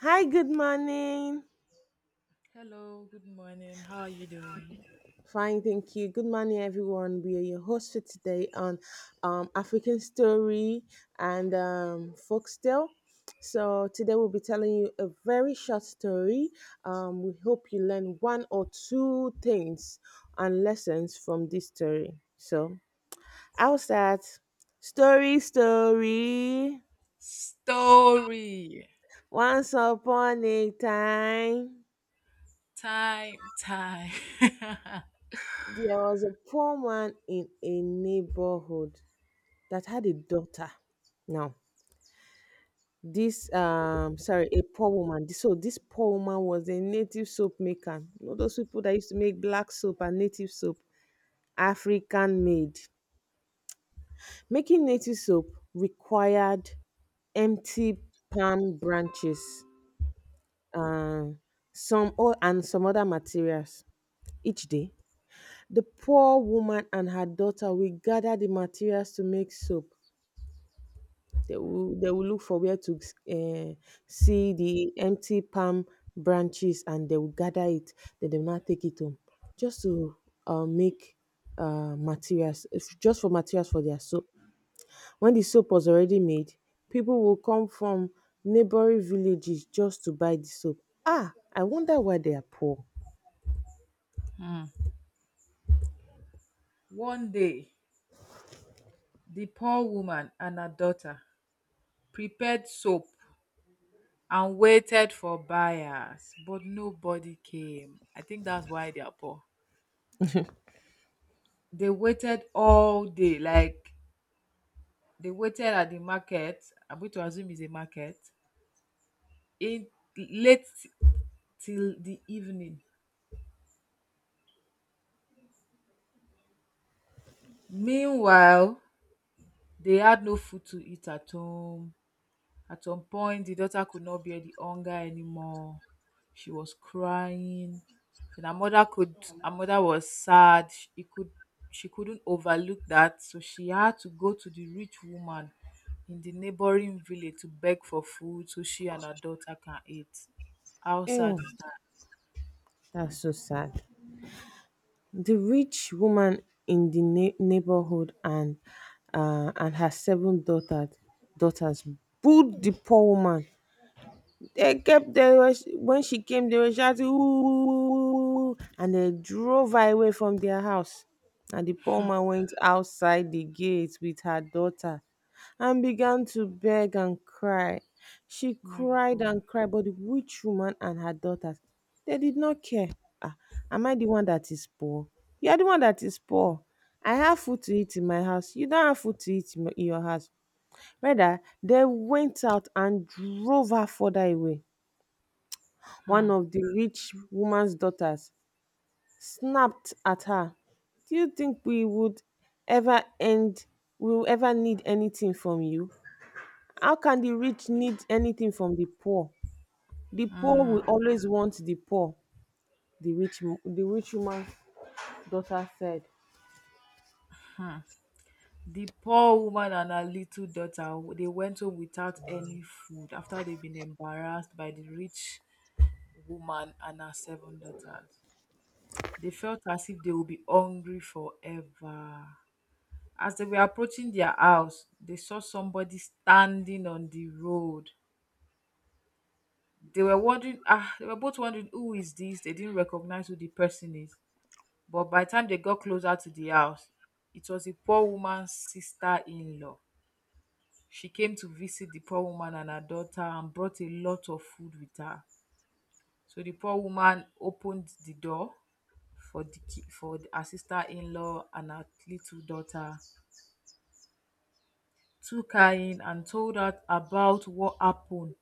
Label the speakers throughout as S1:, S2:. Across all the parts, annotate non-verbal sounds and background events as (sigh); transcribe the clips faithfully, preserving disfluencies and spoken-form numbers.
S1: Hi, good morning.
S2: Hello, good morning. How are you doing?
S1: Fine, thank you. Good morning, everyone. We are your host for today on um, African Story and um, Folktale. So, today we'll be telling you a very short story. Um, we hope you learn one or two things and lessons from this story. So, I'll start. Story, story.
S2: Story
S1: Once upon a time,
S2: time, time. (laughs)
S1: there was a poor man in a neighborhood that had a daughter. Now, this um sorry, a poor woman. This- So this poor woman was a native soap maker. You know those people that used to make black soap and native soap, African made. Making native soap required empty palm branches, uh, some or and some other materials each day. The poor woman and her daughter will gather the materials to make soap. They will, they will look for where to uh, see the empty palm branches, and they will gather it. Then they will not take it home just to uh, make uh, materials, if- just for materials for their soap. When the soap was already made, people will come from neighboring villages just to buy the soap. Ah, I wonder why they are poor.
S2: Hmm. One day, the poor woman and her daughter prepared soap and waited for buyers, but nobody came. I think that's why they are poor. They waited all day, like they waited at the market. I'm going to assume it's a market in late till the evening. Meanwhile, they had no food to eat at home. At some point, the daughter could not bear the hunger anymore. She was crying. Then her mother could Her mother was sad. She it could she couldn't overlook that, so she had to go to the rich woman in the neighboring village to beg for food so she and her daughter can eat. How
S1: Ew,
S2: sad is that?
S1: that's so sad. The rich woman in the nei- neighborhood and, uh, and her seven daughter, daughters booed the poor woman. They kept they was when she came, they were shouting "Ooh!" and they drove her away from their house. And the poor man went outside the gate with her daughter and began to beg and cry. She
S2: Oh my
S1: cried
S2: God.
S1: and cried, but the witch woman and her daughters, they did not care. Ah, am I the one that is poor? You are the one that is poor. I have food to eat in my house. You don't have food to eat in my- in your house. Rather, they went out and drove her further away. One
S2: Hmm.
S1: of the rich woman's daughters snapped at her, "Do you think we would ever end we will ever need anything from you? How can the rich need anything from the poor? The poor will
S2: Hmm.
S1: always want the poor," the rich mo- the rich woman's daughter said.
S2: Hmm. The poor woman and her little daughter, they went home without any food after they've been embarrassed by the rich woman and her seven daughters. They felt as if they would be hungry forever. As they were approaching their house, they saw somebody standing on the road. They were wondering, ah, they were both wondering, who is this? They didn't recognize who the person is. But by the time they got closer to the house, it was a poor woman's sister in law. She came to visit the poor woman and her daughter and brought a lot of food with her. So the poor woman opened the door for the ki- for the- her sister-in-law and her little daughter, took her in and told her about what happened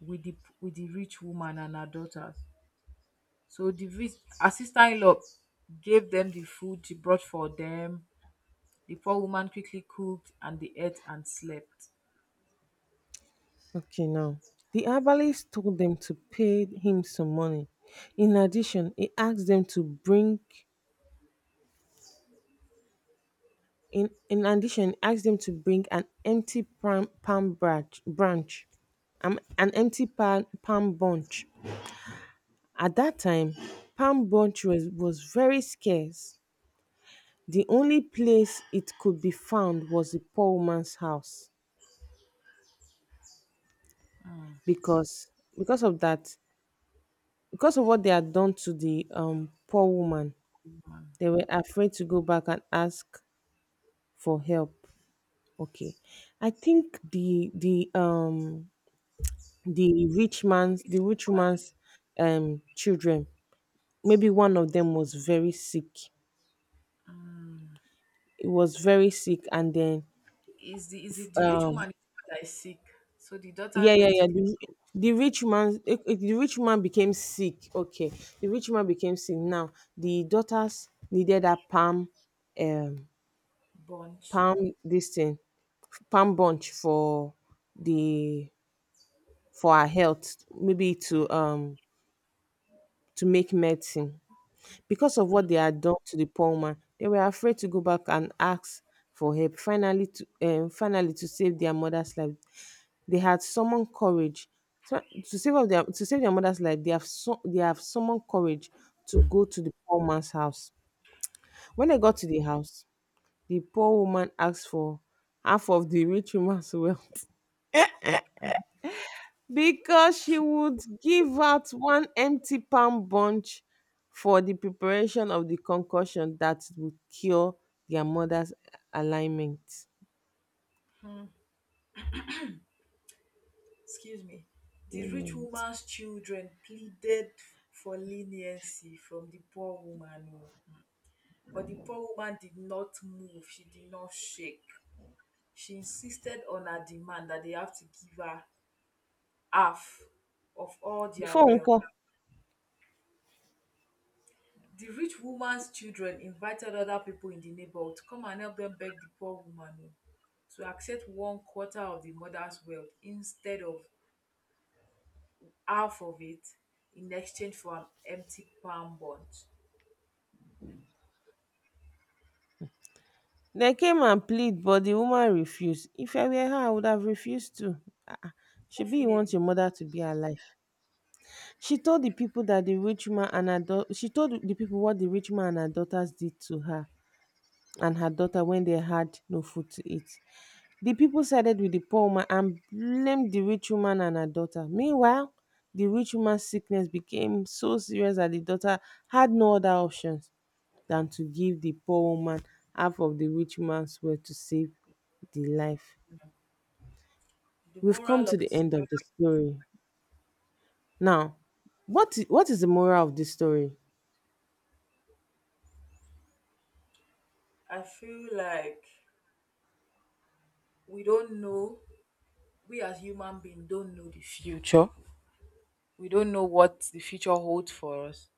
S2: with the with the rich woman and her daughters. So the rich Her sister-in-law gave them the food she brought for them. The poor woman quickly cooked and they ate and slept.
S1: Okay, now the herbalist told them to pay him some money. In addition, he asked them to bring In, in addition, he asked them to bring an empty palm, palm branch, branch um, an empty palm, palm bunch. At that time, palm bunch was, was very scarce. The only place it could be found was the poor woman's house.
S2: Mm.
S1: Because because of that, because of what they had done to the um poor woman, they were afraid to go back and ask for help. Okay, I think the the um the rich man's
S2: Rich
S1: the rich
S2: woman.
S1: man's um children, maybe one of them was very sick.
S2: Mm.
S1: It was very sick. And then
S2: Is the is it the rich
S1: um
S2: woman that is sick? So the
S1: yeah,
S2: daughters
S1: yeah,
S2: went to
S1: yeah,
S2: the
S1: the, the rich man eh, eh, the rich man became sick. Okay, the rich man became sick. Now the daughters needed a palm um
S2: bunch.
S1: palm this thing palm bunch for the for our health, maybe to um to make medicine. Because of what they had done to the poor man, they were afraid to go back and ask for help. Finally, to um, finally to save their mother's life, they had summoned courage. So, to save up their to save their mother's life, they have su- they have summoned courage to go to the poor man's house. When they got to the house, the poor woman asked for half of the rich woman's (laughs) wealth, because she would give out one empty palm bunch for the preparation of the concoction that would cure their mother's alignment.
S2: Excuse me. The rich
S1: Ailment.
S2: woman's children pleaded for leniency from the poor woman, oh, but the poor woman did not move. She did not shake. She insisted on her demand that they have to give her half of all their
S1: Before
S2: wealth.
S1: Nko,
S2: The rich woman's children invited other people in the neighborhood to come and help them beg the poor woman, oh, to accept one quarter of the mother's wealth instead of half of it in exchange for an empty palm bunch.
S1: they came and plead, but the woman refused. If I were her, I would have refused to. She be you want
S2: Definitely,
S1: your mother to be alive. She told the people that the rich man and her daughter, she told the people what the rich man and her daughters did to her and her daughter when they had no food to eat. The people sided with the poor woman and blamed the rich woman and her daughter. Meanwhile, the rich woman's sickness became so serious that the daughter had no other options than to give the poor woman half of the rich woman's wealth to save the life.
S2: the
S1: We've come
S2: moral of
S1: to the
S2: the
S1: end of the
S2: story,
S1: story. Now, what i- what is the moral of this story?
S2: I feel like we don't know, we as human beings don't know the future. We don't know what the future holds for us.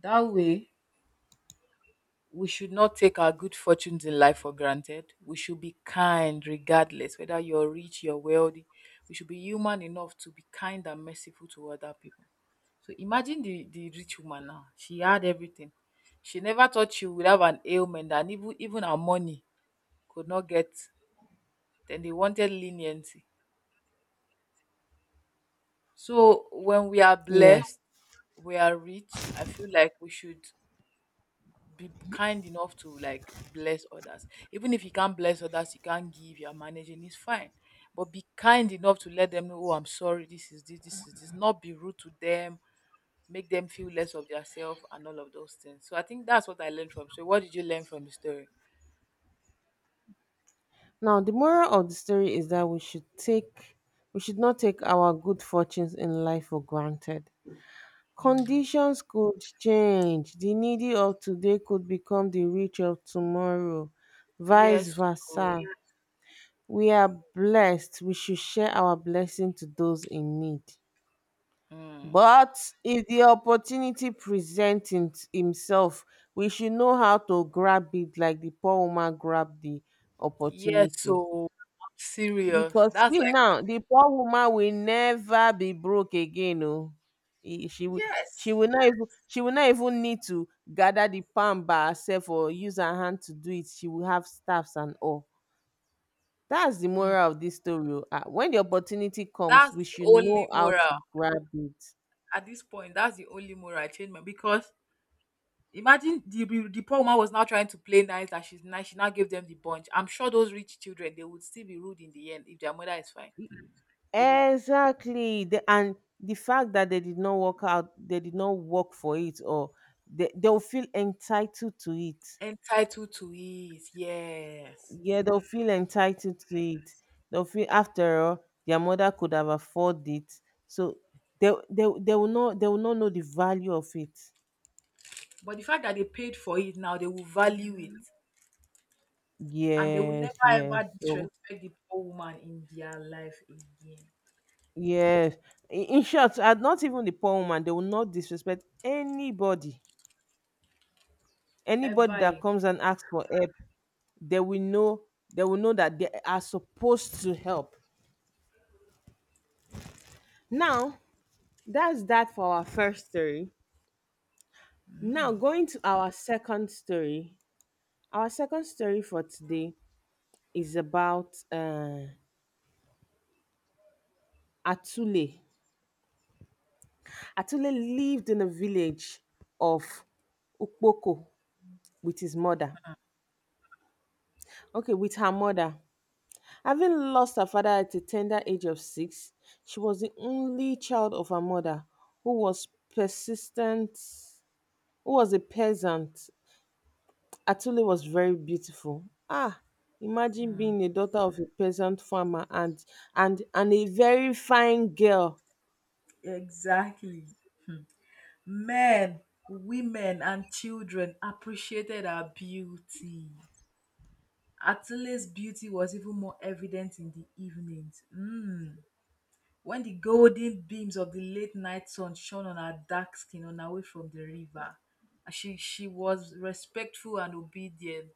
S2: That way, we should not take our good fortunes in life for granted. We should be kind regardless whether you're rich, you're wealthy. We should be human enough to be kind and merciful to other people. So imagine the the rich woman now, she had everything. She never thought she would have an ailment and even even her money could not get. Then they wanted leniency. So when we are
S1: Yes.
S2: blessed, we are rich. I feel like we should be kind enough to like bless others. Even if you can't bless others, you can't give, you're managing, it's fine. But be kind enough to let them know, oh, I'm sorry, this is this, this is this. Not be rude to them, make them feel less of themselves and all of those things. So I think that's what I learned from. So what did you learn from the story?
S1: Now, the moral of the story is that we should take we should not take our good fortunes in life for granted. Conditions could change. The needy of today could become the rich of tomorrow, vice
S2: Yes. So
S1: versa. We are blessed. We should share our blessing to those in need.
S2: mm,
S1: But if the opportunity presents in- himself, we should know how to grab it, like the poor woman grabbed the
S2: yes.
S1: opportunity.
S2: So I'm serious.
S1: Because
S2: That's
S1: see
S2: like
S1: now, the poor woman will never be broke again. Oh, E- she will. She
S2: yes.
S1: will not even. She will not even need to gather the palm by herself or use her hand to do it. She will have staffs and all. That's the
S2: Mm,
S1: moral of this story. Oh. Ah, when the opportunity comes,
S2: that's
S1: we
S2: the
S1: should know
S2: only
S1: how
S2: moral
S1: to grab it.
S2: at this point. That's the only moral I changed my because imagine the the poor woman was now trying to play nice that she's nice. She now gave them the bunch. I'm sure those rich children, they would still be rude in the end if their mother is fine. They would
S1: Exactly. The, and the fact that they did not work out, they did not work for it, or they, they'll feel entitled to it.
S2: entitled to it. Yes.
S1: Yeah, they'll feel entitled to it. They'll feel, after all, their mother could have afforded it. So they they they will not they will not know the value of it.
S2: But the fact that they paid for it now, they will value it and they will
S1: Yes,
S2: never
S1: yes.
S2: ever
S1: So
S2: disrespect the poor woman in their life again.
S1: yes. I- In short, uh, not even the poor woman, they will not disrespect anybody.
S2: Ever
S1: Anybody that
S2: again.
S1: comes and asks for help, they will know they will know that they are supposed to help. Now, that's that for our first story. Now going to our second story. Our second story for today is about uh, Atule. Atule lived in a village of Ukpoko with his mother. Okay, with her mother. Having lost her father at a tender age of six, she was the only child of her mother who was persistent, who was a peasant. Atule was very beautiful. Ah, imagine being a daughter of a peasant farmer and and and a very fine girl.
S2: Exactly. Men, women, and children appreciated her beauty. Attila's beauty was even more evident in the evenings. Mm. When the golden beams of the late night sun shone on her dark skin on her way from the river, she, she was respectful and obedient.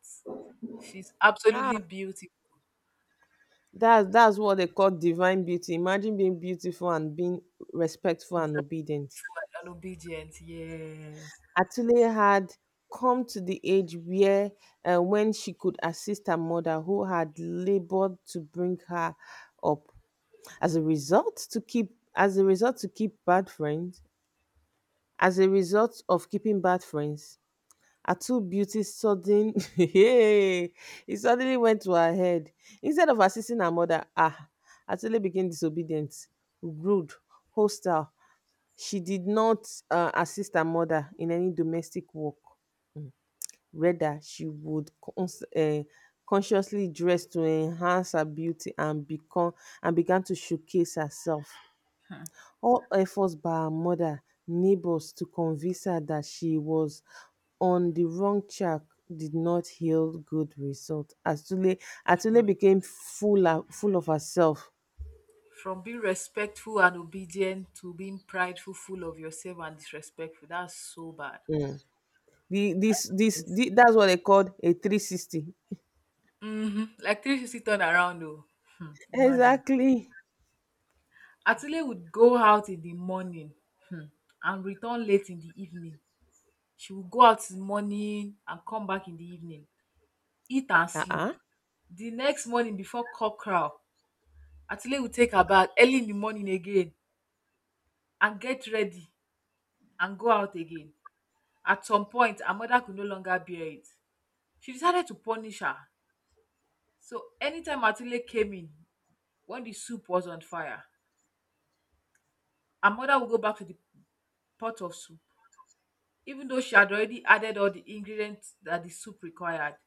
S2: She's absolutely
S1: Ah,
S2: beautiful,
S1: That's that's what they call divine beauty. Imagine being beautiful and being respectful and obedient.
S2: respectful and obedient. Yes.
S1: Atule had come to the age where uh, when she could assist her mother who had labored to bring her up. As a result to keep as a result to keep bad friends, as a result of keeping bad friends, Atu's beauty sudden (laughs) hey, it suddenly went to her head. Instead of assisting her mother, ah, Atule became disobedient, rude, hostile. She did not uh, assist her mother in any domestic work. Rather, she would cons- uh, consciously dress to enhance her beauty and become and began to showcase herself.
S2: Hmm.
S1: All efforts by her mother, neighbors to convince her that she was on the wrong track did not yield good results. Atule, Atule
S2: Hmm.
S1: became full, of full of herself.
S2: From being respectful and obedient to being prideful, full of yourself and disrespectful. That's so bad.
S1: The, this, this, the, that's what they called a three sixty.
S2: Hmm. Like three sixty turn around though. Hmm. Imagine.
S1: Exactly.
S2: Atule would go out in the morning, hmm, and return late in the evening. She would go out in the morning and come back in the evening, eat and sleep.
S1: Uh-uh.
S2: The next morning before cock crow, Atule would take her bath early in the morning again and get ready and go out again. At some point, her mother could no longer bear it. She decided to punish her. So anytime Atile came in, when the soup was on fire, her mother would go back to the pot of soup. Even though she had already added all the ingredients that the soup required,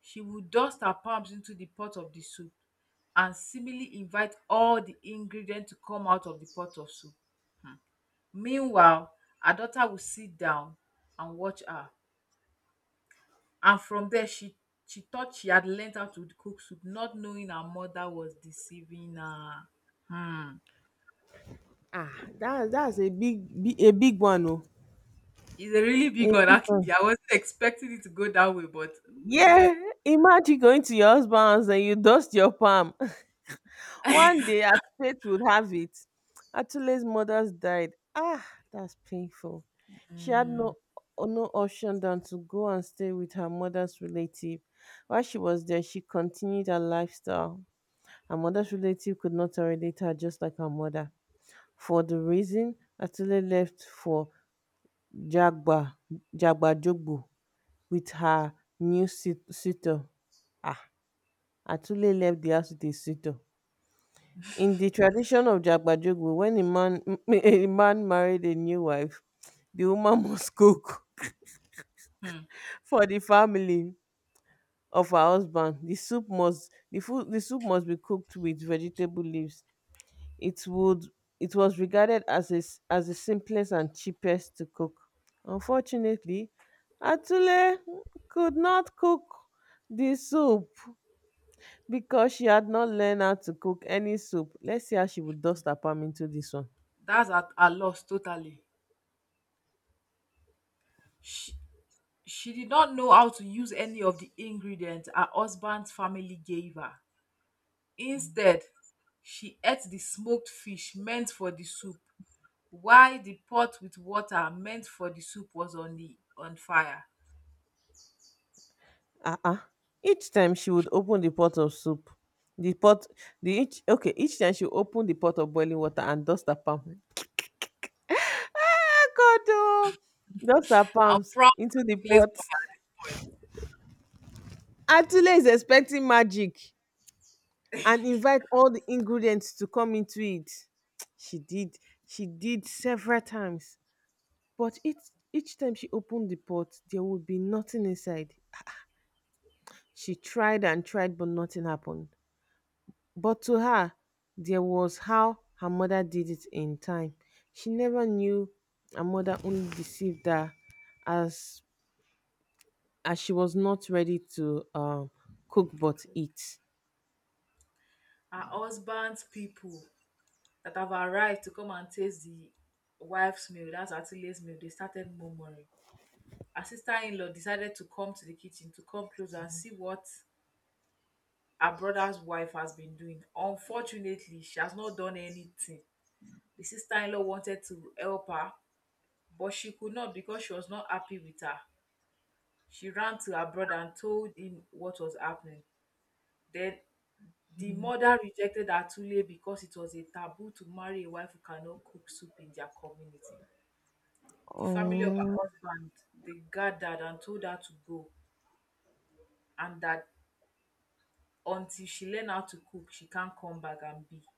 S2: she would dust her palms into the pot of the soup and seemingly invite all the ingredients to come out of the pot of soup. Hmm. Meanwhile, her daughter would sit down and watch her, and from there she she thought she had learned how to cook soup, not knowing her mother was deceiving her. Hmm.
S1: Ah, that, that's a big, big, a big one. Oh.
S2: It's a really big
S1: A
S2: one,
S1: big one.
S2: actually. I wasn't expecting it to go that way, but then
S1: Yeah. Imagine going to your husband's and you dust your palm. (laughs) One day as fate would have it, Atule's mother died. Ah, that's painful. She had no no option than to go and stay with her mother's relative. While she was there, she continued her lifestyle. Her mother's relative could not tolerate her, just like her mother. For the reason, Atule left for Jagba Jagba Jogbo with her new sit- suitor. Ah, Atule left the house with a suitor. In the tradition of Jagbajogu, when a man (laughs) a man married a new wife, the woman (laughs) must cook
S2: hmm,
S1: for the family of her husband. The soup must the food the soup must be cooked with vegetable leaves. It would it was regarded as a, s- as the simplest and cheapest to cook. Unfortunately, Atule could not cook the soup because she had not learned how to cook any soup. Let's see how she would dust her palm into this one.
S2: that's at her loss totally. She she did not know how to use any of the ingredients her husband's family gave her. Instead, she ate the smoked fish meant for the soup while the pot with water meant for the soup was on the on fire.
S1: Uh-uh each time she would open the pot of soup the pot the each okay Each time she would open the pot of boiling water and dust her palm, ah, God, oh, dust her
S2: I'm
S1: palms
S2: proud
S1: into the
S2: to Lays
S1: pot.
S2: by her
S1: Atule is expecting magic and invite all the ingredients to come into it. She did she did several times, but each each time she opened the pot, there would be nothing inside. She tried and tried, but nothing happened. But to her, there was how her mother did it in time: she never knew her mother only deceived her, as as she was not ready to um, cook but
S2: point.
S1: eat.
S2: Her husband's people that have arrived to come and taste the wife's meal, that's Atile's meal, they started murmuring. Her sister in law decided to come to the kitchen to come closer and see what her brother's wife has been doing. Unfortunately, she has not done anything. The sister in law wanted to help her, but she could not because she was not happy with her. She ran to her brother and told him what was happening. Then the mother rejected Atule because it was a taboo to marry a wife who cannot cook soup in their community. The family of
S1: Um,
S2: her husband, they gathered and told her to go and that until she learned how to cook, she can't come back and be.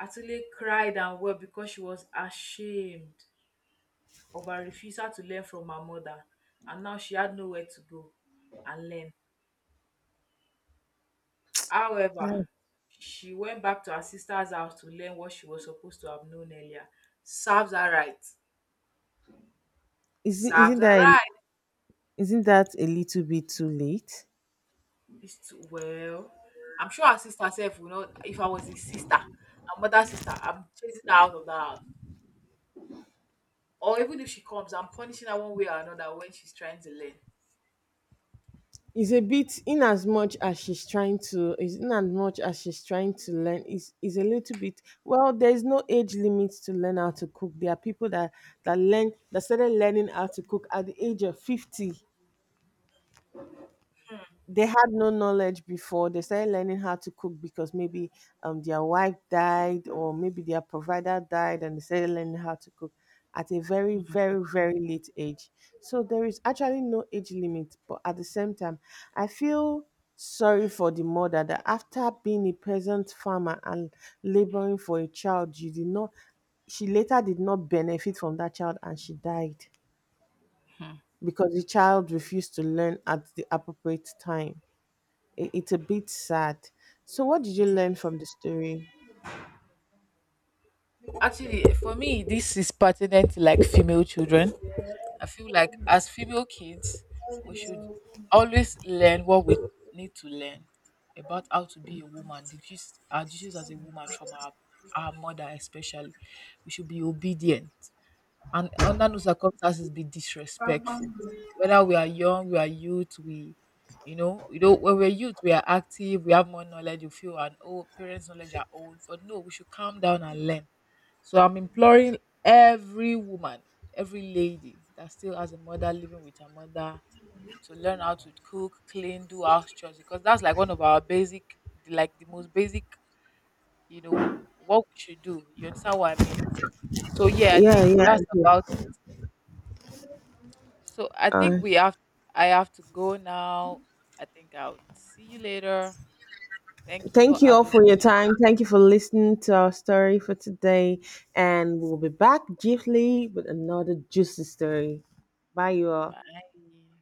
S2: Atule cried and wept because she was ashamed of her refusal to learn from her mother and now she had nowhere to go and learn. However,
S1: like,
S2: she went back to her sister's house to learn what she was supposed to have known earlier. Serves her right.
S1: isn't
S2: Serves
S1: isn't
S2: her
S1: that a,
S2: right.
S1: isn't that a little bit too late?
S2: It's too well, I'm sure her sister sef will not, if I was his sister, her mother sister, I'm chasing her out of that house. Or even if she comes, I'm punishing her one way or another when she's trying to learn.
S1: Is a bit, in as much as she's trying to, is in as much as she's trying to learn, is is a little bit. Well, there's no age limit to learn how to cook. There are people that that learn that started learning how to cook at the age of fifty. They had no knowledge before they started learning how to cook, because maybe um their wife died, or maybe their provider died, and they started learning how to cook at a very, very, very late age. So there is actually no age limit, but at the same time, I feel sorry for the mother that, after being a peasant farmer and laboring for a child, you did not she later did not benefit from that child, and she died because the child refused to learn at the appropriate time. It, it's a bit sad. So, what did you learn from the story?
S2: Actually, for me, this is pertinent to like female children. I feel like as female kids, we should always learn what we need to learn about how to be a woman. The gist, our duties as a woman from our, our mother, especially. We should be obedient and under no circumstances be disrespectful. Whether we are young, we are youth, we you know, you know, when we're youth, we are active, we have more knowledge, you feel, and old parents' knowledge are old. But no, we should calm down and learn. So I'm imploring every woman, every lady that still has a mother living with her mother to learn how to cook, clean, do house chores because that's like one of our basic, like the most basic, you know, what we should do. You understand what I mean? So yeah, I
S1: Yeah,
S2: think
S1: yeah. I
S2: that's
S1: do.
S2: about it. So I
S1: Uh,
S2: think we have, I have to go now. I think I'll see you later. Thank you for
S1: thank you all
S2: having me.
S1: for your time. Thank you for listening to our story for today. And we'll be back briefly with another juicy story. Bye, you all.
S2: Bye.